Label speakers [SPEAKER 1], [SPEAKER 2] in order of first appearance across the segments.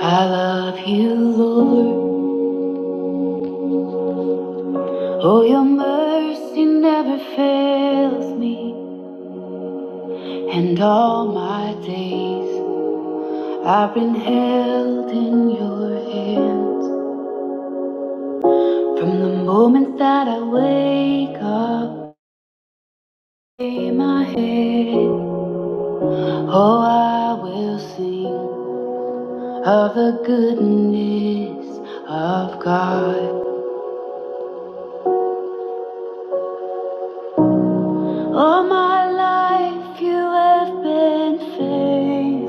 [SPEAKER 1] I love you, Lord. Oh, your mercy never fails me. And all my days I've been held in your hands. From the moment that I wake up, in my head. Oh, I will sing of the goodness of God. All my life you have been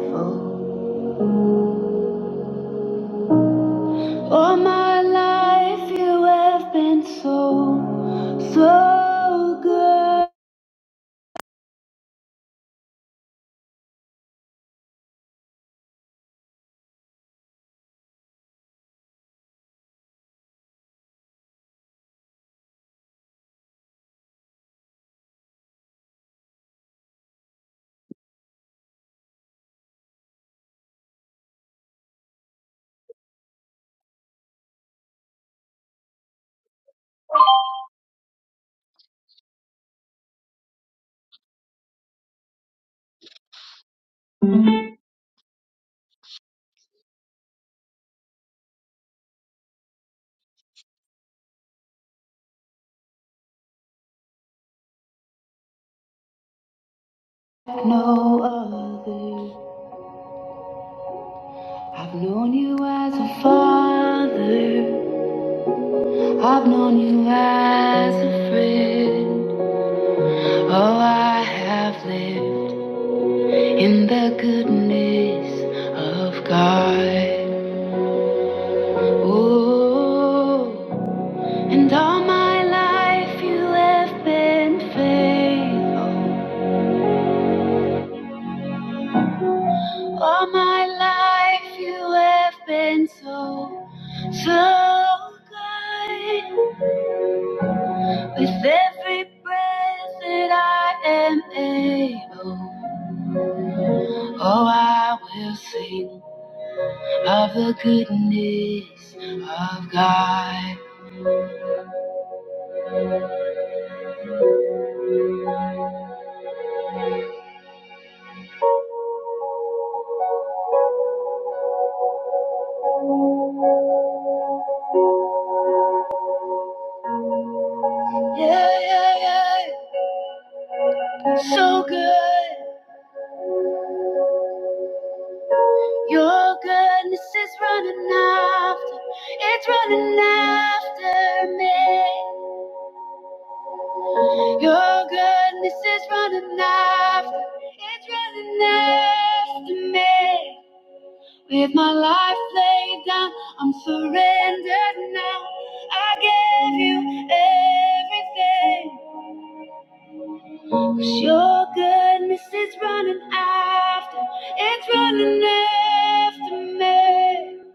[SPEAKER 1] faithful. All my life you have been so, so good. Like no other. I've known you as a father. I've known you as a friend. Oh, I have lived in the goodness of God. Oh, and all my life you have been faithful. All my life you have been so, so good. With every breath that I am able, oh, I will sing of the goodness of God. Yeah, yeah, yeah. So good. Your goodness is running after, it's running after me. Your goodness is running after, it's running after me. With my life laid down, I'm surrendered now. I give you everything. 'Cause your goodness is running after, it's running after me.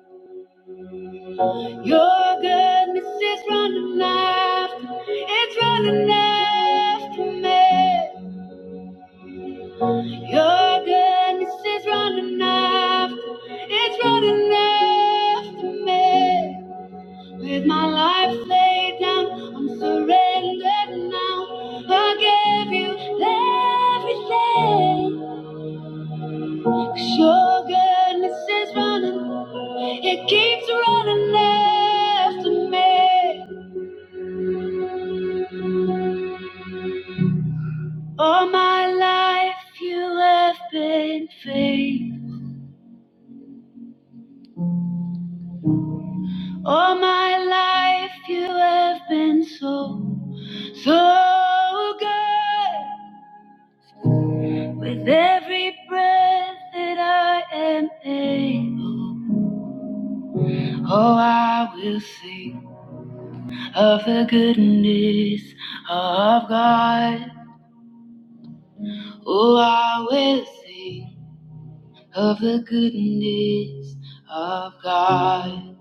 [SPEAKER 1] Your goodness is running after, it's running after me. Your goodness is running after, it's running after me. With my life laid down, I'm surrendered now. I give you everything. 'Cause your goodness is running, it keeps running after me. All my life you have been faithful. All my life you have been so. So good with every breath that I am able. Oh, I will sing of the goodness of God. Oh, I will sing of the goodness of God.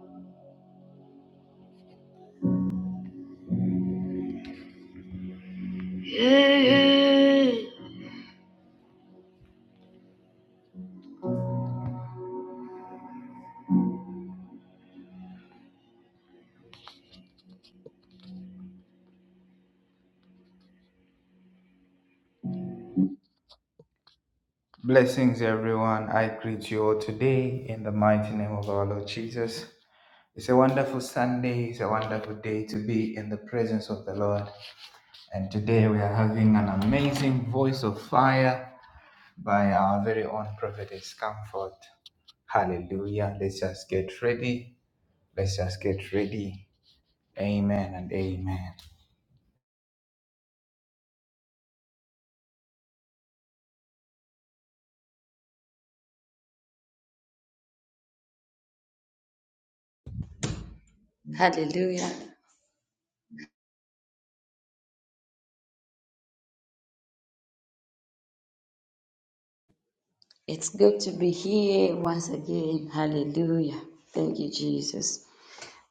[SPEAKER 1] Yeah. yeah.
[SPEAKER 2] Hallelujah. It's good to be here once again. Hallelujah. Thank you, Jesus.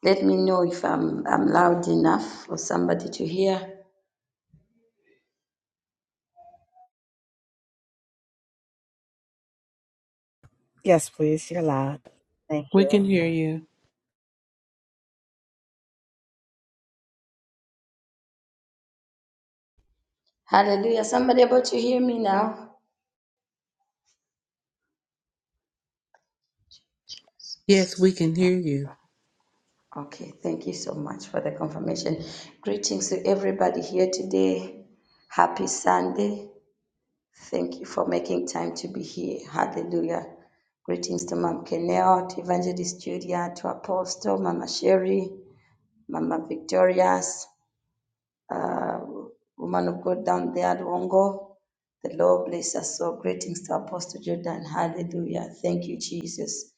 [SPEAKER 2] Let me know if I'm, I'm loud enough for somebody to hear.
[SPEAKER 3] Yes, please. You're loud. Thank
[SPEAKER 4] We
[SPEAKER 3] you.
[SPEAKER 4] can hear you.
[SPEAKER 2] Hallelujah. Somebody able to hear me now?
[SPEAKER 4] Yes, we can hear you.
[SPEAKER 2] Okay. Thank you so much for the confirmation. Greetings to everybody here today. Happy Sunday. Thank you for making time to be here. Hallelujah. Greetings to Mom Kenel, to Evangelist Julia, to Apostle, Mama Sherry. Mama Victorious, uh, woman of God down there at Wongo. The Lord bless us. So greetings to Apostle Jordan. Hallelujah. Thank you, Jesus.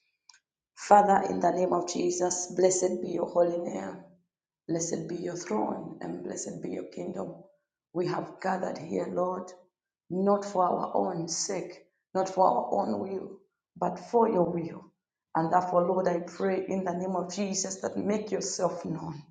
[SPEAKER 2] Father, in the name of Jesus, blessed be your holy name. Blessed be your throne and blessed be your kingdom. We have gathered here, Lord, not for our own sake, not for our own will, but for your will. And therefore, Lord, I pray in the name of Jesus that make yourself known.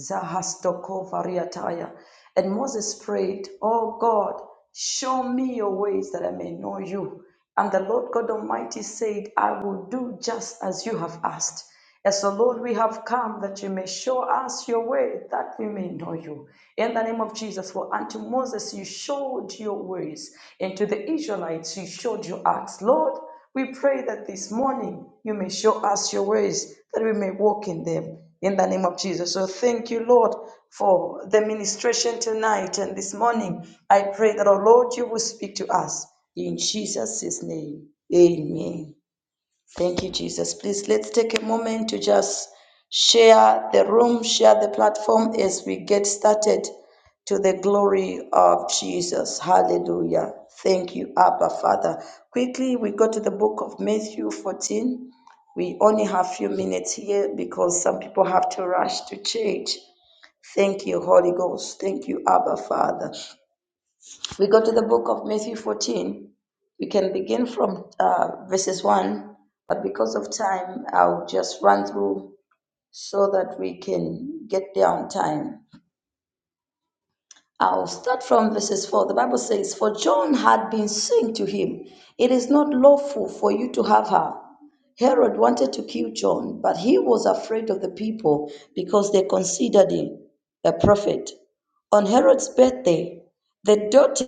[SPEAKER 2] Zahastokofariataya. And Moses prayed, Oh God, show me your ways that I may know you. And the Lord God Almighty said, I will do just as you have asked. As the Lord, we have come that you may show us your way, that we may know you. In the name of Jesus, for unto Moses you showed your ways, and to the Israelites you showed your acts. Lord, we pray that this morning you may show us your ways, that we may walk in them in the name of Jesus. So thank you, Lord, for the ministration tonight and this morning. I pray that, oh Lord, you will speak to us in Jesus' name. Amen. Thank you, Jesus. Please let's take a moment to just share the room, share the platform as we get started to the glory of Jesus. Hallelujah. Thank you, Abba Father. Quickly, we go to the book of Matthew 14. We only have a few minutes here because some people have to rush to church. Thank you, Holy Ghost. Thank you, Abba Father we go to the book of Matthew 14, we can begin from uh, verses 1, but because of time, I'll just run through so that we can get there on time. I'll start from verses 4. The Bible says, For John had been saying to him, 'It is not lawful for you to have her. Herod wanted to kill John, but he was afraid of the people because they considered him a prophet. On Herod's birthday, the daughter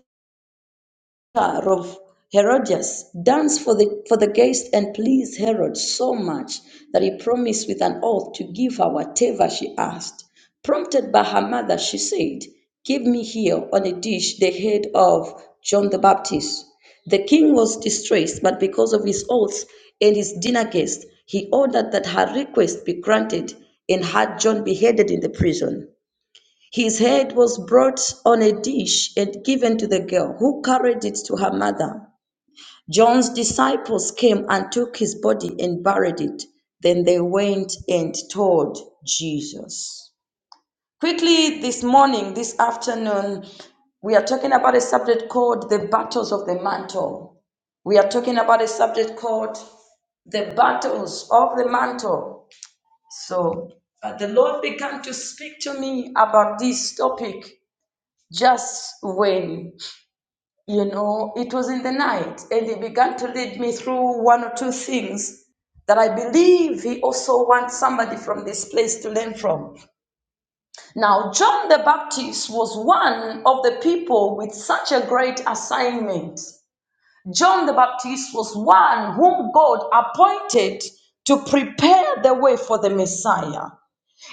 [SPEAKER 2] daughter of Herodias, danced for the, for the guests and pleased Herod so much that he promised with an oath to give her whatever she asked. Prompted by her mother, she said, Give me here on a dish the head of John the Baptist. The king was distressed, but because of his oaths and his dinner guests, he ordered that her request be granted and had John beheaded in the prison. His head was brought on a dish and given to the girl, who carried it to her mother. John's disciples came and took his body and buried it. Then they went and told Jesus. Quickly, this morning, this afternoon, we are talking about a subject called the battles of the mantle. We are talking about a subject called the battles of the mantle. So uh, the Lord began to speak to me about this topic just when you know it was in the night and he began to lead me through one or two things that i believe he also wants somebody from this place to learn from now john the baptist was one of the people with such a great assignment john the baptist was one whom god appointed to prepare the way for the messiah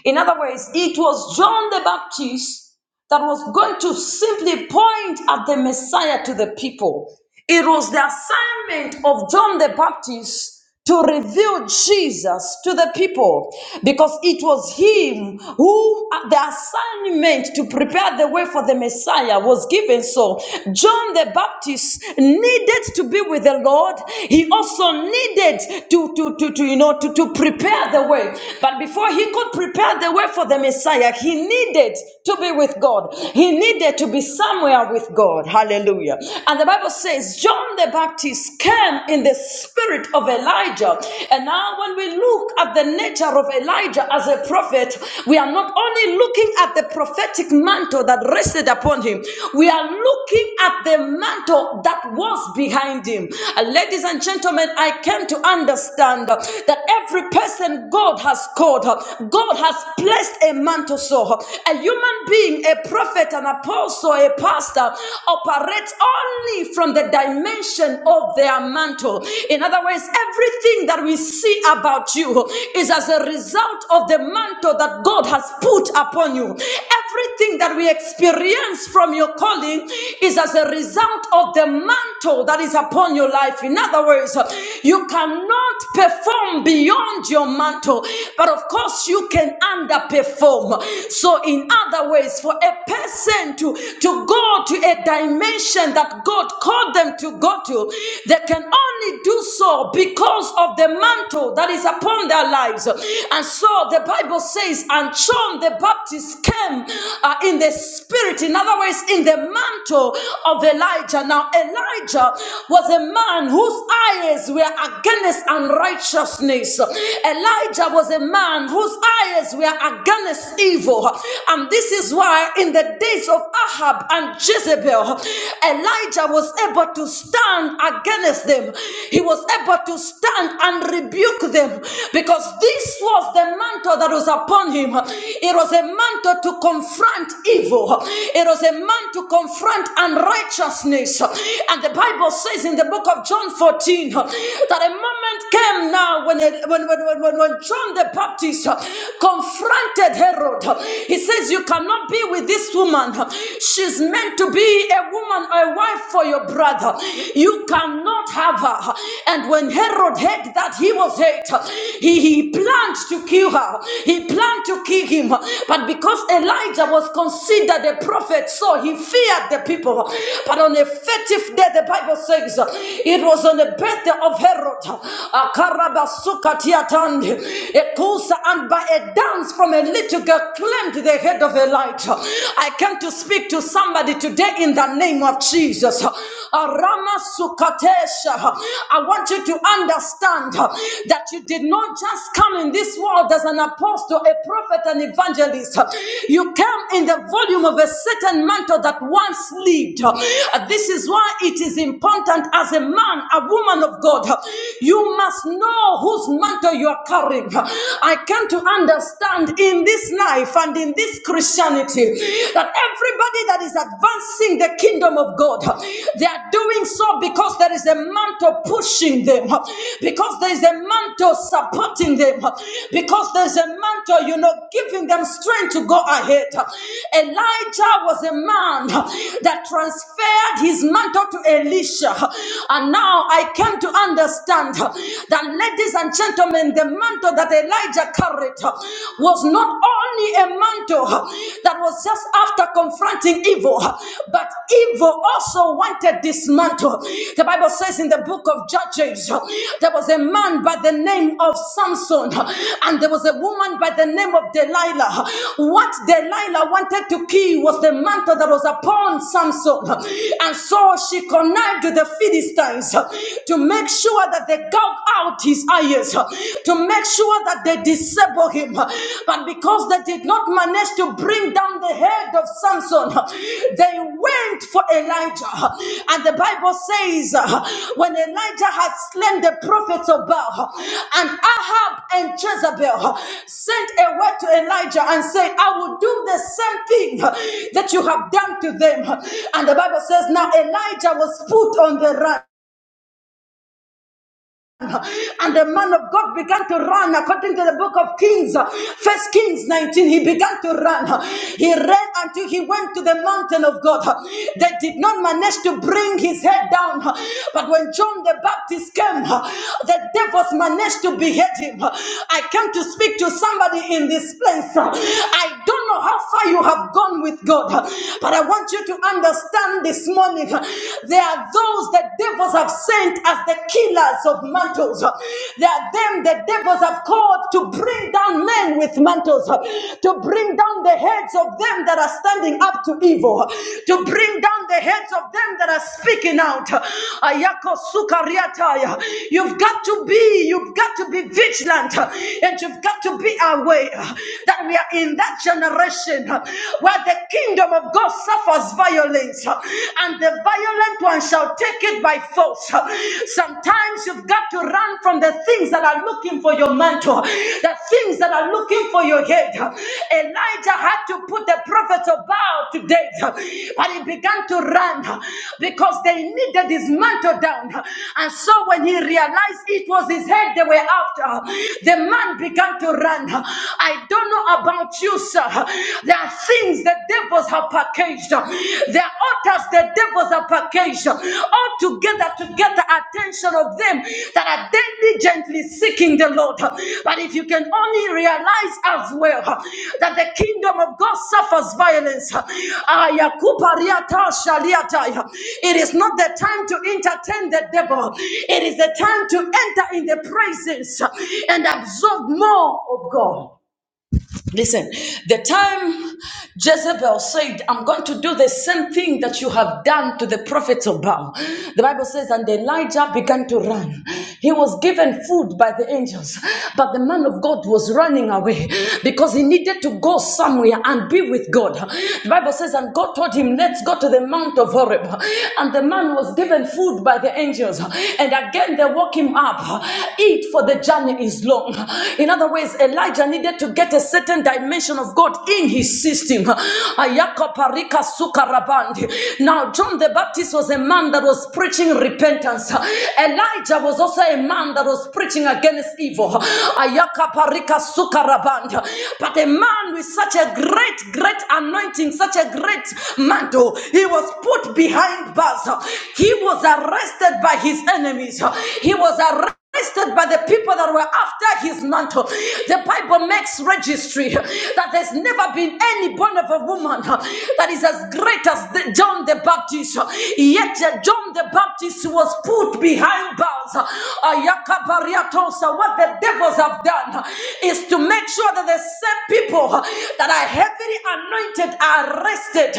[SPEAKER 2] in other words it was john the baptist that was going to simply point at the Messiah to the people. It was the assignment of John the Baptist to reveal Jesus to the people because it was him who uh, the assignment to prepare the way for the Messiah was given. So John the Baptist needed to be with the Lord. He also needed to, to, to, to you know to, to prepare the way. But before he could prepare the way for the Messiah, he needed needed to be with God. He needed to be somewhere with God. Hallelujah. And the Bible says John the Baptist came in the spirit of Elijah. And now, when we look at the nature of Elijah as a prophet, we are not only looking at the prophetic mantle that rested upon him, we are looking at the mantle that was behind him. Uh, Ladies and gentlemen, I came to understand uh, that every person God has called, uh, God has placed a mantle mantle. So, A human being, a prophet, an apostle, a pastor operates only from the dimension of their mantle. In other words, everything that we see about you is as a result of the mantle that God has put upon you. Everything that we experience from your calling is as a result of the mantle that is upon your life. In other words, you cannot perform beyond your mantle, but of course, you can understand underperform. So, in other ways, for a person to, to go to a dimension that God called them to go to, they can only do so because of the mantle that is upon their lives. And so the Bible says, and John the Baptist came uh, in the spirit, in other words, in the mantle of Elijah. Now, Elijah was a man whose eyes were against unrighteousness. Elijah was a man whose eyes were against evil. And this is why, in the days of Ahab and Jezebel, Elijah was able to stand against them. He was able to stand and rebuke them because this was the mantle that was upon him. It was a mantle to confront evil, it was a mantle to confront unrighteousness. And the Bible says in the book of John 14 that a moment came now when, when, when, when, when, when John the Baptist uh, confronted Herod. He says, You cannot be with this woman. She's meant to be a woman, a wife for your brother. You cannot have her. And when Herod heard that he was hate, he, he planned to kill her. He planned to kill him. But because Elijah was considered a prophet, so he feared the people. But on a fifth day, the Bible says it was on the birthday of Herod. Atiatand, a Ekosa, and by a dance from a little girl claimed the head of Elijah. I came to speak to somebody today in the name of Jesus. Arama Sukatesha. I want you to understand that you did not just come in this world as an apostle, a prophet, an evangelist. You came in the volume of a certain mantle that once lived. This is why it is important as a man, a woman of God, you must to know whose mantle you are carrying. I came to understand in this life and in this Christianity that everybody that is advancing the kingdom of God, they are doing so because there is a mantle pushing them, because there is a mantle supporting them, because there is a mantle, you know, giving them strength to go ahead. Elijah was a man that transferred his mantle to Elisha, and now I came to understand understand uh, that, ladies and gentlemen, the mantle that Elijah carried uh, was not only a mantle uh, that was just after confronting evil, uh, but evil also wanted this mantle. The Bible says in the book of Judges, uh, there was a man by the name of Samson, uh, and there was a woman by the name of Delilah. What Delilah wanted to kill was the mantle that was upon Samson, and so she connived with the Philistines to make sure that they gouge out his eyes, uh, to make sure that they disable him. uh, But because they did not manage to bring down the head of Samson, uh, they went for Elijah. uh, And the Bible says, uh, when Elijah had slain the prophets of Baal, uh, and Ahab and Jezebel uh, sent a word to Elijah and said, I will do the same thing uh, that you have done to them. And the Bible says, Now Elijah was put on the run. And the man of God began to run according to the book of Kings, first Kings 19. He began to run. He ran until he went to the mountain of God. They did not manage to bring his head down. But when John the Baptist came, the devils managed to behead him. I came to speak to somebody in this place. I don't don't know how far you have gone with God, but I want you to understand this morning there are those that devils have sent as the killers of mantles. There are them the devils have called to bring down men with mantles, to bring down the heads of them that are standing up to evil, to bring down the heads of them that are speaking out. Ayako sukariataya. You've got to be, you've got to be vigilant, and you've got to be aware that we are in in that generation uh, where the kingdom of God suffers violence uh, and the violent one shall take it by force. uh. Sometimes you've got to run from the things that are looking for your mantle, the things that are looking for your head. Uh, Elijah had to put the prophet of Baal to death, uh, but he began to run uh, because they needed his mantle down. Uh, And so when he realized it was his head they were after, uh, the man began to run. Uh, I don't don't know about you, sir. There are things the devils have packaged. There are altars the devils have packaged. All together to get the attention of them that are diligently seeking the Lord. But if you can only realize as well that the kingdom of God suffers violence. It is not the time to entertain the devil. It is the time to enter in the presence and absorb more of God. Listen, the time Jezebel said, I'm going to do the same thing that you have done to the prophets of Baal. The Bible says, and Elijah began to run. He was given food by the angels, but the man of God was running away because he needed to go somewhere and be with God. The Bible says, and God told him, Let's go to the Mount of Horeb. And the man was given food by the angels. And again, they woke him up. Eat, for the journey is long. In other words, Elijah needed needed to get a certain dimension of God in his system. Now, John the Baptist was a man that was preaching repentance. Elijah was also a man that was preaching against evil. But a man with such a great, great anointing, such a great mantle, he was put behind bars. He was arrested by his enemies. He was arrested by the people that were after his mantle. The Bible makes registry that there's never been any born of a woman that is as great as the- John the Baptist. Yet uh, John the Baptist was put behind bars. So what the devils have done is to make sure that the same people that are heavily anointed are arrested.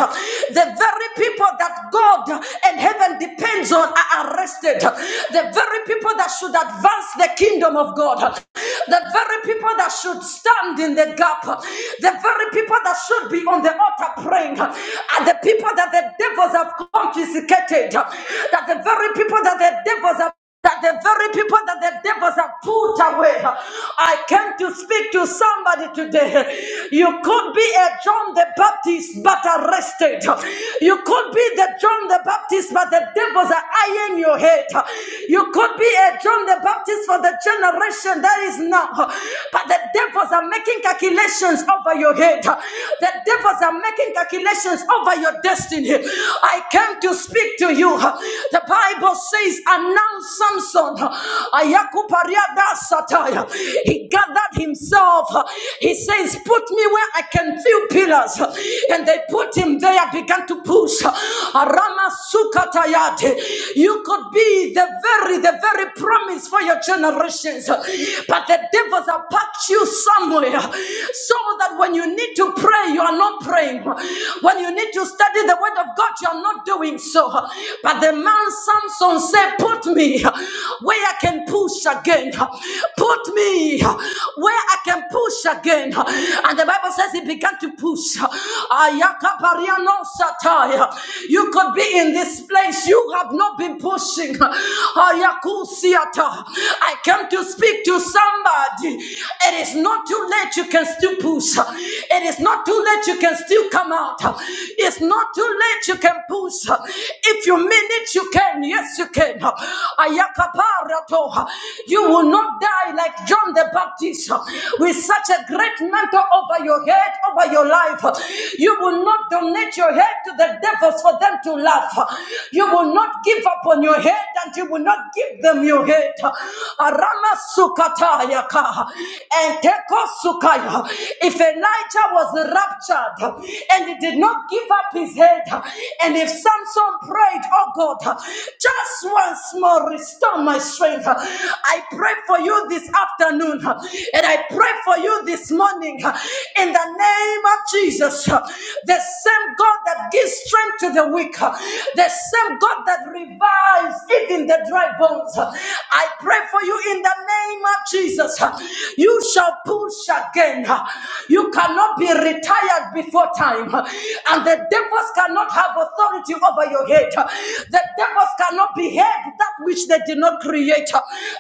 [SPEAKER 2] The very people that God and heaven depends on are arrested. The very people that should advance the kingdom of God. The very people that should stand in the gap, the very people that should be on the altar praying, are the people that the devils have confiscated, that the very people that the devils have that the very people that the devils have put away. I came to speak to somebody today. You could be a John the Baptist but arrested. You could be the John the Baptist but the devils are eyeing your head date. You could be a John the Baptist for the generation that is now. But the devils are making calculations over your head. The devils are making calculations over your destiny. I came to speak to you. The Bible says, announce Samson. Ayakupariada sataya. He gathered himself. He says, put me where I can feel pillars. And they put him there, began to pusha. You could be the very, the very promise for your generations. But the devils have packed you somewhere so that when you need to pray, you are not praying. When you need to study the word of God, you are not doing so. But the man Samson said, Put me where I can push again. Put me where I can push again. And the the Bible says he began to push. Ayakapariano sataya. You could be in this place. You have not been pushing. Ayakusiata. I came to speak to somebody. It is not too late. You can still push. It is not too late. You can still come out. It's not too late. You can push. If you mean it, you can. Yes, you can. Ayakaparato. You will not die die like John the Baptist with such a great mantle over your head, over your life. You will not donate your head to the devils for them to laugh. You will not give up on your head and you will not give them your head. Arama sukataya ka, and teko sukaya. If Elijah was raptured and he did not give up his head, and if Samson prayed, oh God, just once more, restore my strength. I pray for you this afternoon and I pray for you this morning in the name of Jesus. The same God that gives strength to the weak, the same God that revives even the dry bones. I pray for you in the name of Jesus. You shall push again. You cannot be retired before time. And the devil devils cannot have authority over your head. The devils cannot behead that which they did not create.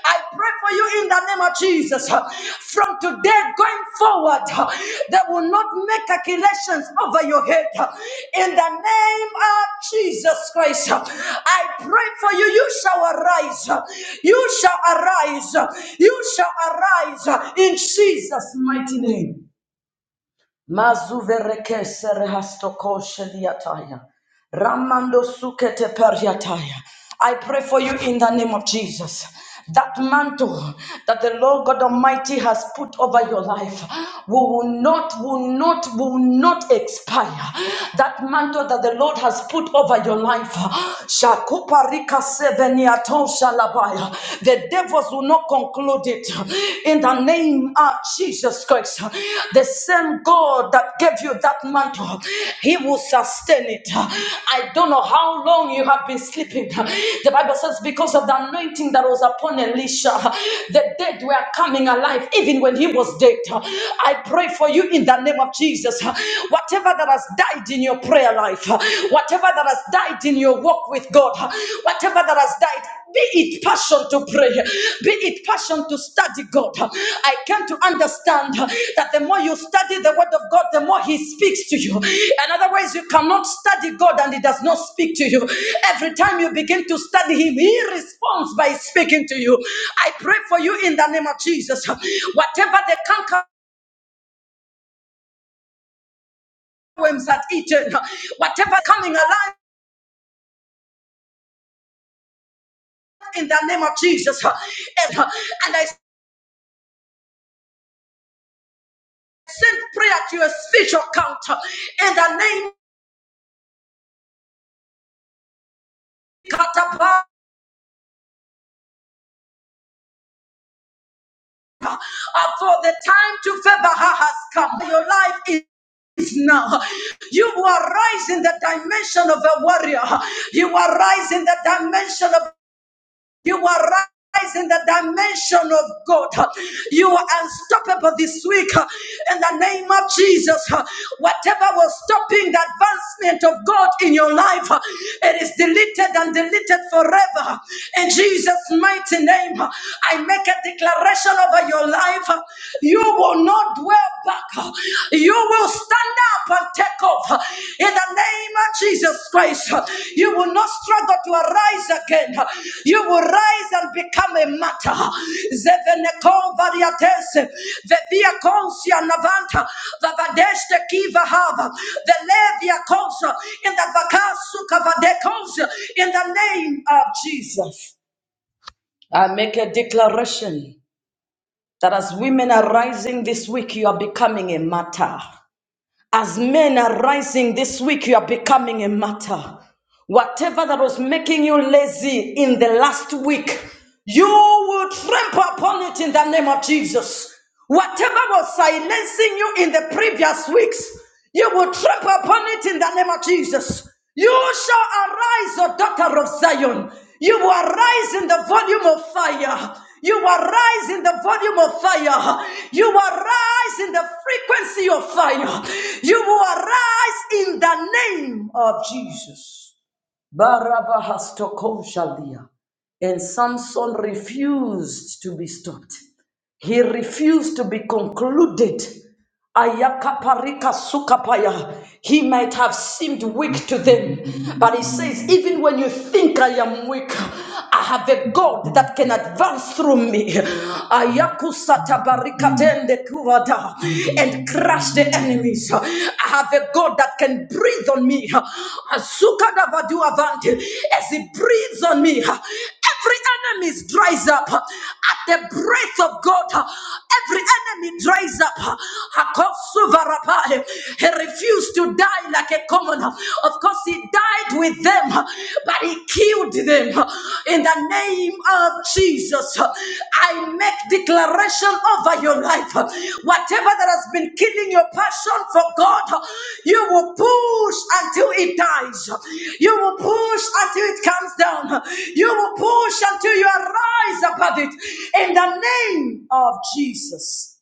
[SPEAKER 2] I pray for you in the name of Jesus. From today going forward, they will not make calculations over your head. In the name of Jesus Christ, I pray for you. You shall arise. You shall arise. You shall arise in Jesus' mighty name. Mazuvereke serehastoko shediataya. Ramando sukete periataya. I pray for you in the name of Jesus. That mantle that the Lord God Almighty has put over your life will not, will not, will not expire. That mantle that the Lord has put over your life, Shakuparika seveniaton shalabaya. the devils will not conclude it. In the name name of Jesus Christ, the same God that gave you that mantle, He will sustain it. I don't know how long you have been sleeping. The Bible says, because of the anointing that was upon Elisha, the dead were coming alive even when he was dead. I pray for you in the name of Jesus. Whatever that has died in your prayer life, whatever that has died in your walk with God, whatever that has died be it passion to pray, be it passion to study God. I came to understand that the more you study the word of God, the more He speaks to you. And otherwise, you cannot study God and He does not speak to you. Every time you begin to study Him, He responds by speaking to you. I pray for you in the name of Jesus. Whatever the canker worms had eaten, whatever coming alive in the name of Jesus. And, and I send prayer to your spiritual counter in the name Katapa. Uh, for the time to favor her has come. Your life is now. You are rising the dimension of a warrior. You are rising the dimension of You are rise in the dimension of God. You are unstoppable this week in the name of Jesus. Whatever was stopping the advancement of God in your life, it is deleted and deleted forever. In Jesus' mighty name, I make a declaration over your life. You will not dwell back. You will stand and take off in the name of Jesus Christ. You will not struggle to arise again. You will rise and become a matter. Zevenekon variatese, vevia consia navanta, vavadeste kiva hava, velevia consa, in the vakasuka vadekonsia, in the name of Jesus. I make a declaration that as women are rising this week, you are becoming a matter. As men are rising this week, you are becoming a matter. Whatever that was making you lazy in the last week, you will trample upon it in the name of Jesus. Whatever was silencing you in the previous weeks, you will trip upon it in the name of Jesus. You shall arise, O daughter of Zion. You will arise in the volume of fire. You will rise in the volume of fire. You will rise in the frequency of fire. You will arise in the name of Jesus. Barabbas tokoshalia. And Samson refused to be stopped. He refused to be concluded. Ayakaparika sukapaya. He might have seemed weak
[SPEAKER 5] Thank
[SPEAKER 2] to them, but he says, Even when you think I am weak, I have a God that can advance through me. Ayakusatabarikatende kurada. And crush the
[SPEAKER 5] you.
[SPEAKER 2] enemies. I have a God that can breathe on me. Azukadavaduavante. As he breathes on me, Every enemy dries up at the breath of God. Every enemy dries up. Akosuvarapai. He refused to die like a commoner. Of course, he died with them, but he killed them in the name of Jesus. I make declaration over your life. Whatever that has been killing your passion for God, you will push until it dies. You will push until it comes down. You will push until you arise above it. In the name of Jesus.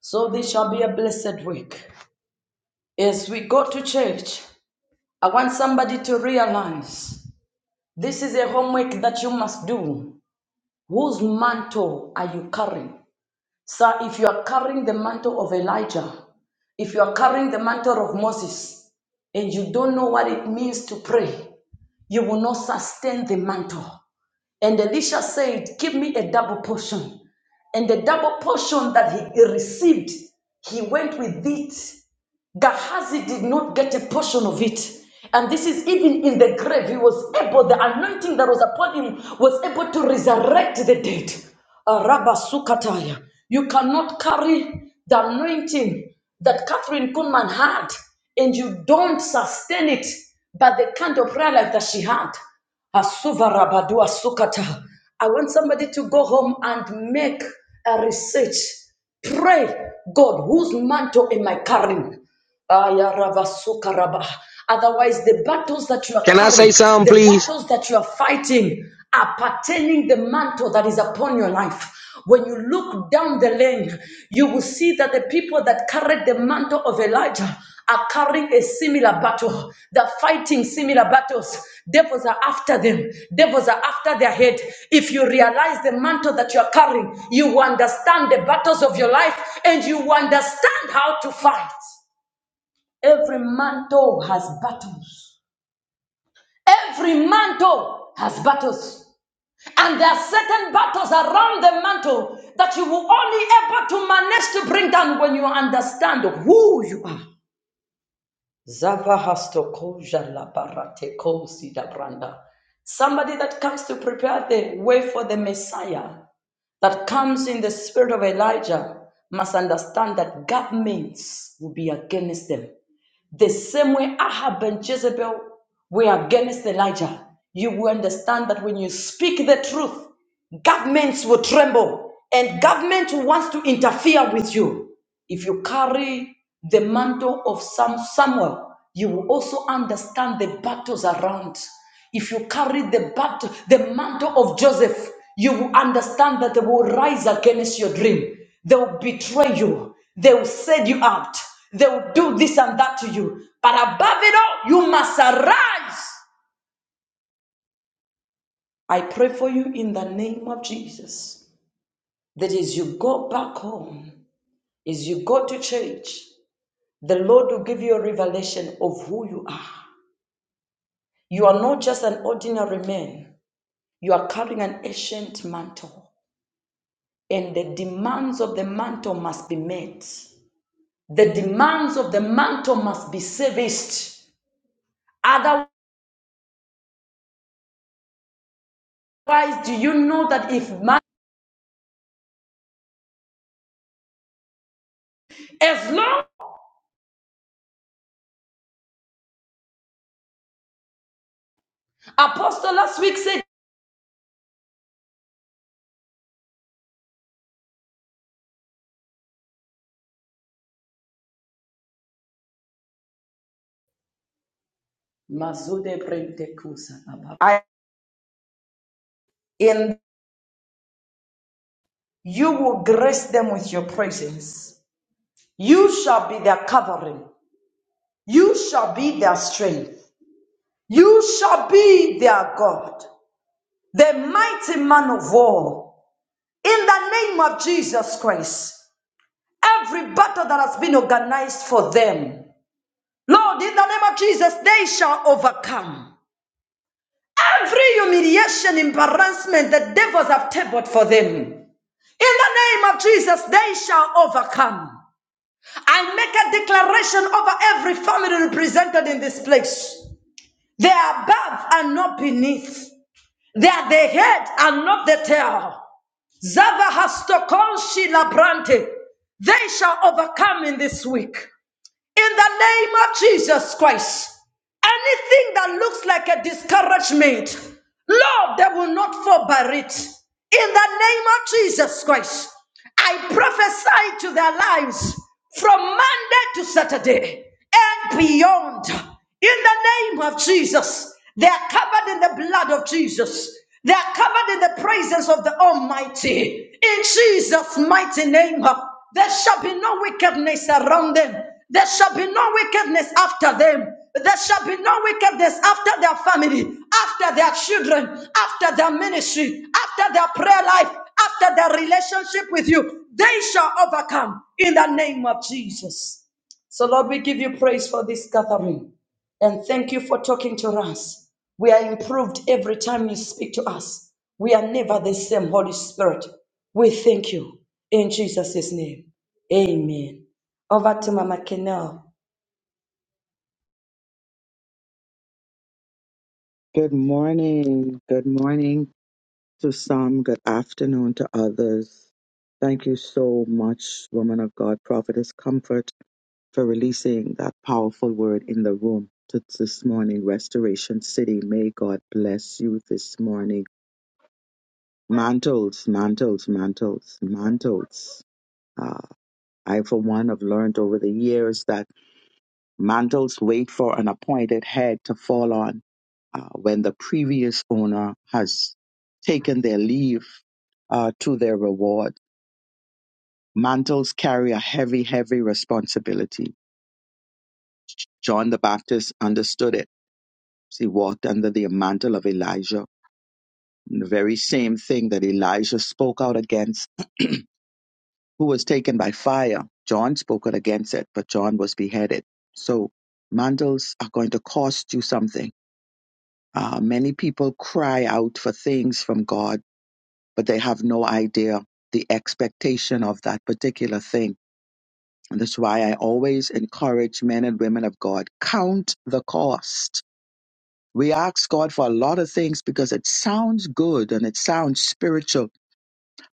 [SPEAKER 2] So this shall be a blessed week. As we go to church, I want somebody to realize this is a homework that you must do. Whose mantle are you carrying? Sir, if you are carrying the mantle of Elijah, if you are carrying the mantle of Moses, and you don't know what it means to pray, you will not sustain the mantle. And Elisha said, Give me a double portion. And the double portion that he received, he went with it Gehazi did not get a portion of it. And this is even in the grave. He was able, the anointing that was upon him was able to resurrect the dead. Araba sukataya. You cannot carry the anointing that Catherine Kuhlman had and you don't sustain it by the kind of prayer life that she had. Asuva rabadua sukata. I want somebody to go home and make a research. Pray, God, whose mantle am I carrying? Aya rava soka Otherwise, the battles that you are
[SPEAKER 6] Can I say
[SPEAKER 2] carrying,
[SPEAKER 6] something,
[SPEAKER 2] the
[SPEAKER 6] please?
[SPEAKER 2] battles that you are fighting, are pertaining the mantle that is upon your life. When you look down the lane, you will see that the people that carried the mantle of Elijah are carrying a similar battle. They're fighting similar battles. Devils are after them. Devils are after their head. If you realize the mantle that you are carrying, you will understand the battles of your life and you will understand how to fight. Every mantle has battles. Every mantle has battles. And there are certain battles around the mantle that you will only able to manage to bring down when you understand who you are. si Somebody that comes to prepare the way for the Messiah, that comes in the spirit of Elijah, must understand that governments will be against them. The same way Ahab and Jezebel were against Elijah, you will understand that when you speak the truth, governments will tremble and government wants to interfere with you. If you carry the mantle of Sam- Samuel, you will also understand the battles around. If you carry the battle, the mantle of Joseph, you will understand that they will rise against your dream. They will betray you. They will set you out. They will do this and that to you. But above it all, you must arise. I pray for you in the name of Jesus. That as you go back home, as you go to church, The Lord will give you a revelation of who you are. You are not just an ordinary man, you are carrying an ancient mantle, and the demands of the mantle must be met. The demands of the mantle must be serviced. Otherwise, do you know that if man, as long Apostle last week said, I and you will grace them with your presence. You shall be their covering. You shall be their strength. You shall be their God, the mighty man of war. In the name of Jesus Christ, every battle that has been organized for them, Lord, in the name of Jesus, they shall overcome. Every humiliation, embarrassment the devils have tabled for them, in the name of Jesus, they shall overcome. I make a declaration over every family represented in this place. They are above and not beneath. They are the head and not the tail. Zava has to conceal a brand. They shall overcome in this week in the name of Jesus Christ. Anything that looks like a discouragement, Lord, they will not fall by it. In the name of Jesus Christ, I prophesy to their lives from Monday to Saturday and beyond. In the name of Jesus, they are covered in the blood of Jesus. They are covered in the presence of the Almighty. In Jesus' mighty name. There shall be no wickedness around them. There shall be no wickedness after them. There shall be no wickedness after their family, after their children, after their ministry, after their prayer life, after their relationship with you. They shall overcome in the name of Jesus. So, Lord, we give you praise for this gathering. And thank you for talking to us. We are improved every time you speak to us. We are never the same, Holy Spirit. We thank you in Jesus' name. Amen. Over to Mama Kenel.
[SPEAKER 7] Good morning. Good morning to some. Good afternoon to others. Thank you so much, woman of God, prophetess Comfort, for releasing that powerful word in the room to this morning. Restoration City, may God bless you this morning. Mantles, mantles, mantles, mantles. Uh, I, for one, have learned over the years that mantles wait for an appointed head to fall on uh, when the previous owner has taken their leave uh, to their reward. Mantles carry a heavy, heavy responsibility. John the Baptist understood it. He walked under the mantle of Elijah, and the very same thing that Elijah spoke out against, who was taken by fire. John spoke out against it, but John was beheaded. So mantles are going to cost you something. Uh, many people cry out for things from God but they have no idea the expectation of that particular thing. And that's why I always encourage men and women of God count the cost. We ask God for a lot of things because it sounds good and it sounds spiritual,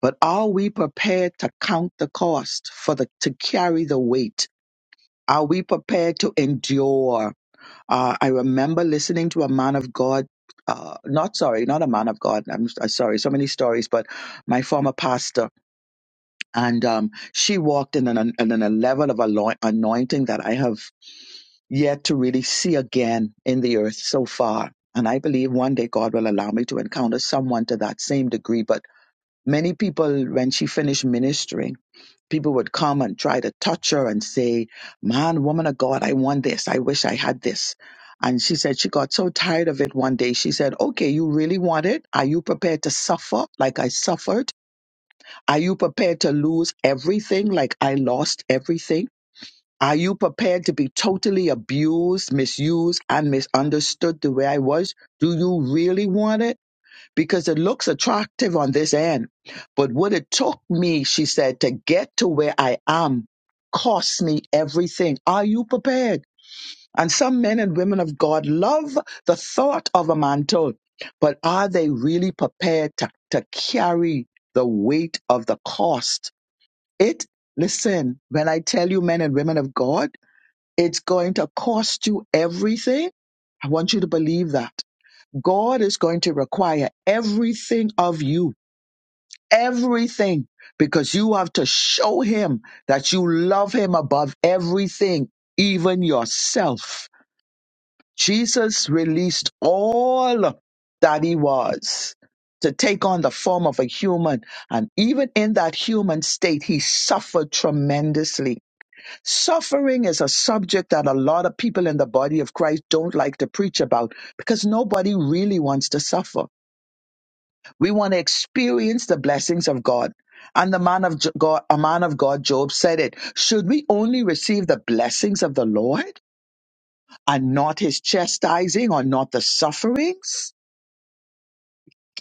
[SPEAKER 7] but are we prepared to count the cost for the to carry the weight? Are we prepared to endure? Uh, I remember listening to a man of God, uh, not sorry, not a man of God. I'm, I'm sorry, so many stories, but my former pastor. and um, she walked in an, in an- a level of aloi- anointing that I have yet to really see again in the earth so far. And I believe one day God will allow me to encounter someone to that same degree. But many people, when she finished ministering, people would come and try to touch her and say, Man, woman of God, I want this. I wish I had this. And she said she got so tired of it one day. She said, Okay, you really want it? Are you prepared to suffer like I suffered? Are you prepared to lose everything like I lost everything? Are you prepared to be totally abused, misused, and misunderstood the way I was? Do you really want it? Because it looks attractive on this end. But what it took me, she said, to get to where I am cost me everything. Are you prepared? And some men and women of God love the thought of a mantle, but are they really prepared to, to carry the weight of the cost? It, listen, when I tell you, men and women of God, it's going to cost you everything. I want you to believe that. God is going to require everything of you, everything, because you have to show Him that you love Him above everything, even yourself. Jesus released all that He was to take on the form of a human. And even in that human state, He suffered tremendously Suffering is a subject that a lot of people in the body of Christ don't like to preach about because nobody really wants to suffer. We want to experience the blessings of God. And the man of Jo- God, a man of God, Job said it. Should we only receive the blessings of the Lord and not his chastising or not the sufferings?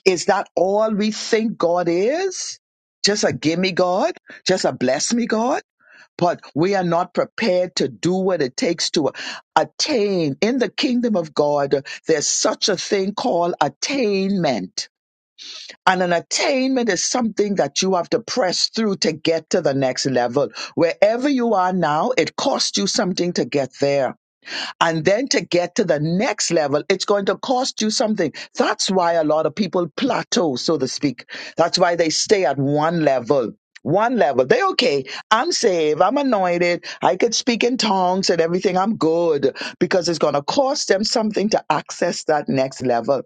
[SPEAKER 7] Is that all we think God is? Just a gimme God? Just a bless me God? but we are not prepared to do what it takes to attain in the kingdom of God. There's such a thing called attainment. And an attainment is something that you have to press through to get to the next level. Wherever you are now, it costs you something to get there and then to get to the next level, it's going to cost you something. That's why a lot of people plateau, so to speak. That's why they stay at one level. One level. They okay. I'm saved. I'm anointed. I could speak in tongues and everything. I'm good because it's going to cost them something to access that next level.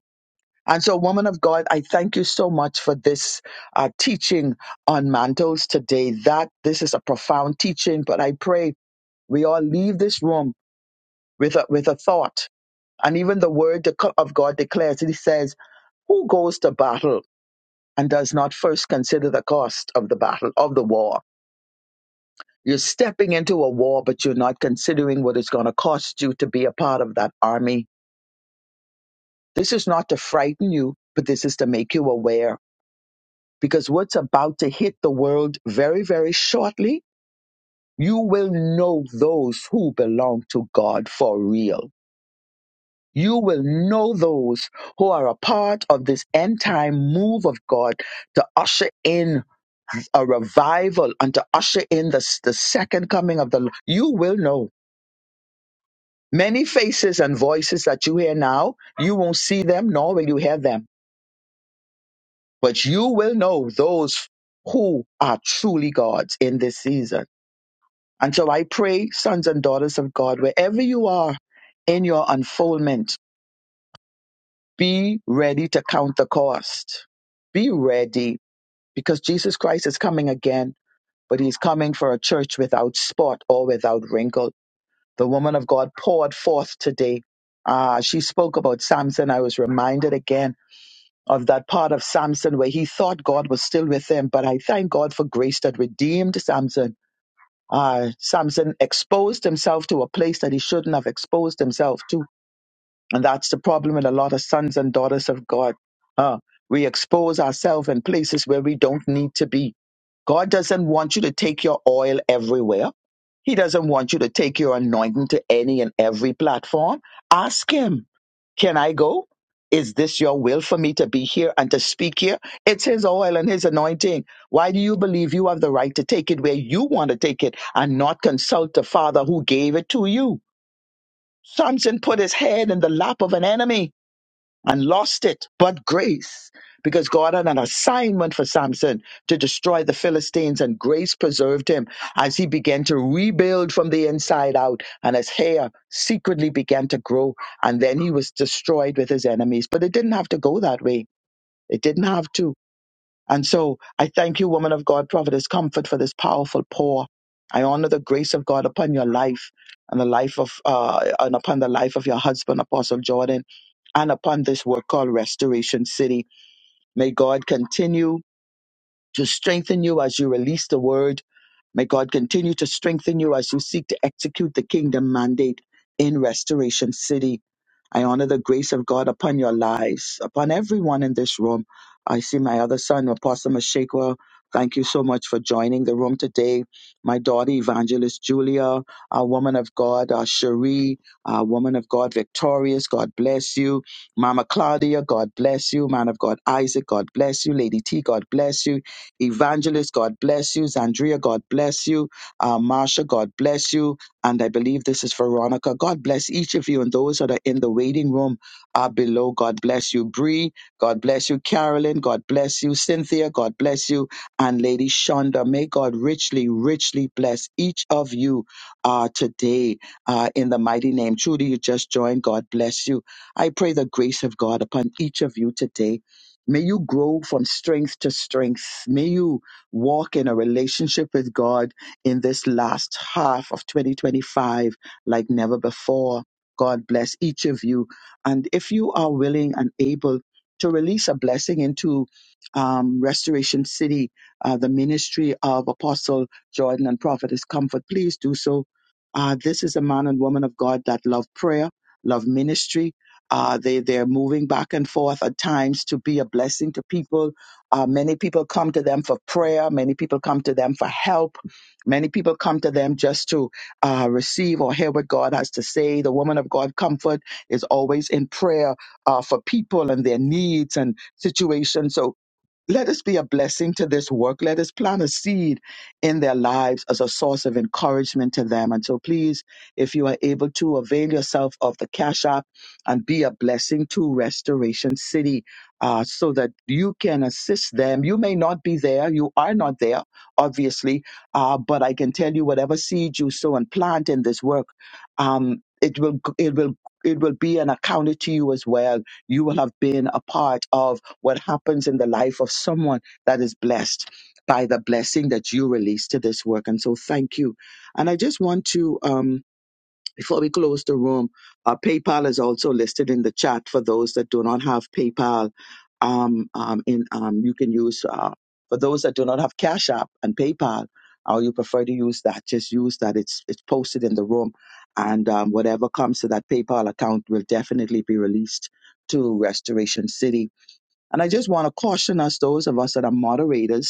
[SPEAKER 7] And so, woman of God, I thank you so much for this uh, teaching on mantles today. That this is a profound teaching, but I pray we all leave this room with a, with a thought and even the word deco- of God declares, it says, Who goes to battle and does not first consider the cost of the battle, of the war? You're stepping into a war, but you're not considering what it's going to cost you to be a part of that army. This is not to frighten you, but this is to make you aware because what's about to hit the world very, very shortly, you will know those who belong to God for real You will know those who are a part of this end time move of God to usher in a revival and to usher in the, the second coming of the Lord. You will know. Many faces and voices that you hear now, you won't see them, nor will you hear them. But you will know those who are truly God's in this season. And so I pray, sons and daughters of God, wherever you are in your unfoldment, Be ready to count the cost. Be ready because Jesus Christ is coming again, but he's coming for a church without spot or without wrinkle. The woman of God poured forth today. Ah, she spoke about Samson. I was reminded again of that part of Samson where he thought God was still with him, but I thank God for grace that redeemed Samson. Ah, Samson exposed himself to a place that he shouldn't have exposed himself to and that's the problem with a lot of sons and daughters of God. Uh, we expose ourselves in places where we don't need to be. God doesn't want you to take your oil everywhere. He doesn't want you to take your anointing to any and every platform. Ask Him, can I go? Is this your will for me to be here and to speak here? It's His oil and His anointing. Why do you believe you have the right to take it where you want to take it and not consult the Father who gave it to you? Samson put his head in the lap of an enemy and lost it, but grace, because God had an assignment for Samson to destroy the Philistines, and grace preserved him as he began to rebuild from the inside out, and his hair secretly began to grow, and then he was destroyed with his enemies. But it didn't have to go that way. It didn't have to. And so I thank you, woman of God, prophetess comfort for this powerful pour. I honor the grace of God upon your life and the life of uh, and upon the life of your husband, Apostle Jordan, and upon this work called Restoration City. May God continue to strengthen you as you release the word May God continue to strengthen you as you seek to execute the kingdom mandate in Restoration City. I honor the grace of God upon your lives, upon everyone in this room. I see my other son, Apostle Mashekwa. Thank you so much for joining the room today. My daughter, Evangelist Julia, our woman of God, our Cherie, our woman of God, Victorious, God bless you. Mama Claudia, God bless you. Man of God, Isaac, God bless you. Lady T, God bless you. Evangelist, God bless you. Zandria, God bless you. Uh, Marsha, God bless you. And I believe this is Veronica. God bless each of you and those that are in the waiting room are below. God bless you. Bree, God bless you. Carolyn, God bless you. Cynthia, God bless you. And Lady Shonda, may God richly, richly bless each of you uh, today uh, in the mighty name. Trudy, you just joined. God bless you. I pray the grace of God upon each of you today May you grow from strength to strength. May you walk in a relationship with God in this last half of 2025 like never before. God bless each of you. And if you are willing and able to release a blessing into um, Restoration City, uh, the ministry of Apostle Jordan and Prophetess Comfort, please do so. Uh, this is a man and woman of God that love prayer, love ministry, uh, they, they're moving back and forth at times to be a blessing to people. Uh, many people come to them for prayer. Many people come to them for help. Many people come to them just to uh, receive or hear what God has to say. The woman of God, Comfort, is always in prayer uh, for people and their needs and situations. So let us be a blessing to this work. Let us plant a seed in their lives as a source of encouragement to them. And so, please, if you are able to avail yourself of the Cash App and be a blessing to Restoration City uh, so that you can assist them. You may not be there, you are not there, obviously, uh, but I can tell you whatever seed you sow and plant in this work, um, it will, it will. It will be an accounted to you as well. You will have been a part of what happens in the life of someone that is blessed by the blessing that you release to this work. And so thank you. And I just want to, um, before we close the room, uh, PayPal is also listed in the chat for those that do not have PayPal. Um, um, in, um, you can use, uh, for those that do not have Cash App and PayPal, or you prefer to use that, just use that. It's, it's posted in the room. And um, whatever comes to that PayPal account will definitely be released to Restoration City and I just want to caution us, those of us that are moderators,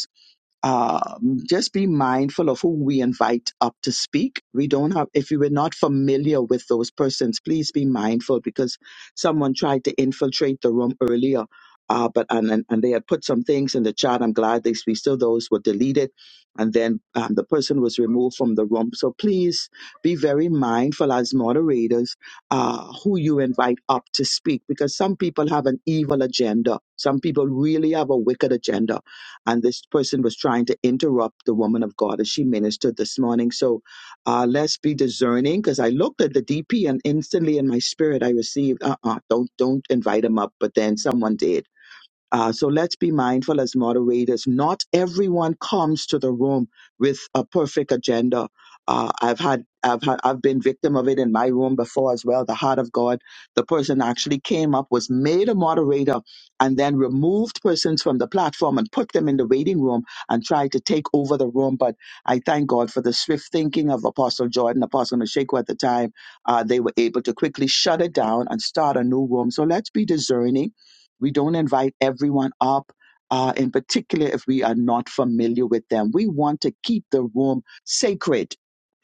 [SPEAKER 7] um, just be mindful of who we invite up to speak. We don't have, if you were not familiar with those persons, please be mindful because someone tried to infiltrate the room earlier. Uh, but and, and and they had put some things in the chat. I'm glad they we still those were deleted, and then um, the person was removed from the room. So please be very mindful as moderators uh, who you invite up to speak because some people have an evil agenda. Some people really have a wicked agenda and this person was trying to interrupt the woman of God as she ministered this morning. So uh, let's be discerning because I looked at the DP and instantly in my spirit I received, uh uh don't, don't invite him up. But then someone did. Uh, so let's be mindful as moderators. Not everyone comes to the room with a perfect agenda. Uh, I've had, I've had, I've been victim of it in my room before as well. The heart of God. The person actually came up, was made a moderator, and then removed persons from the platform and put them in the waiting room and tried to take over the room. But I thank God for the swift thinking of Apostle Jordan, Apostle Mashiko at the time. Uh, they were able to quickly shut it down and start a new room. So let's be discerning we don't invite everyone up, uh, in particular if we are not familiar with them. We want to keep the room sacred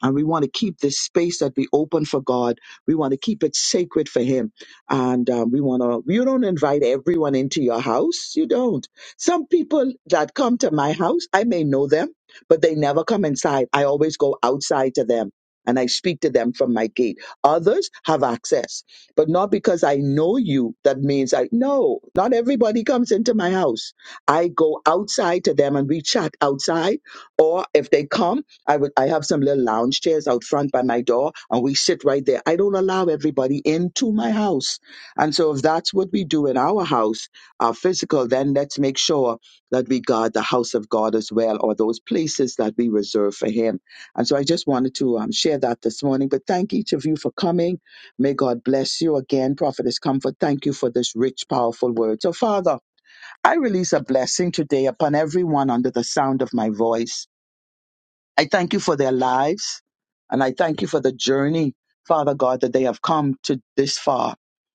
[SPEAKER 7] and we want to keep this space that we open for God. We want to keep it sacred for Him. And um, we want to, you don't invite everyone into your house. You don't. Some people that come to my house, I may know them, but they never come inside. I always go outside to them and I speak to them from my gate. Others have access. But not because I know you, that means I no, not everybody comes into my house. I go outside to them and we chat outside. Or if they come, I would I have some little lounge chairs out front by my door and we sit right there. I don't allow everybody into my house. And so if that's what we do in our house, our physical, then let's make sure that we guard the house of God as well, or those places that we reserve for him. And so I just wanted to um, share that this morning. But thank each of you for coming May God bless you again, Prophetess Comfort. Thank you for this rich, powerful word. So, Father, I release a blessing today upon everyone under the sound of my voice. I thank you for their lives. And I thank you for the journey, Father God, that they have come to this far.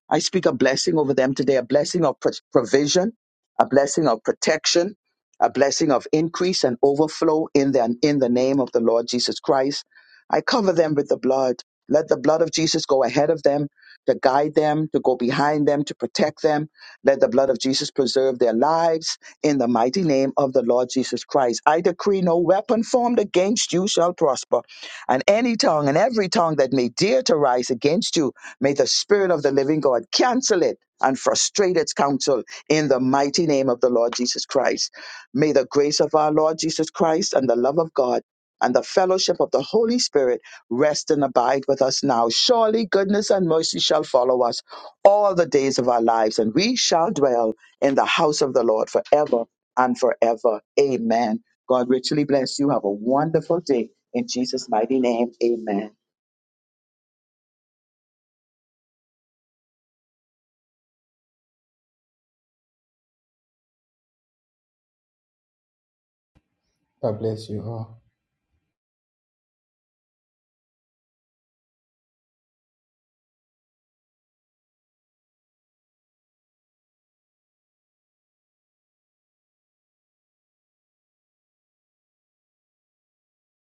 [SPEAKER 7] I speak a blessing over them today, a blessing of pro- provision, a blessing of protection, a blessing of increase and overflow in the, in the name of the Lord Jesus Christ. I cover them with the blood. Let the blood of Jesus go ahead of them, to guide them, to go behind them, to protect them let the blood of Jesus preserve their lives in the mighty name of the Lord Jesus Christ. I decree no weapon formed against you shall prosper, and any tongue and every tongue that may dare to rise against you, may the Spirit of the living God cancel it and frustrate its counsel in the mighty name of the Lord Jesus Christ. May the grace of our Lord Jesus Christ and the love of God and the fellowship of the Holy Spirit rest and abide with us now. Surely goodness and mercy shall follow us all the days of our lives, and we shall dwell in the house of the Lord forever and forever. Amen. God richly bless you. Have a wonderful day. In Jesus' mighty name, amen.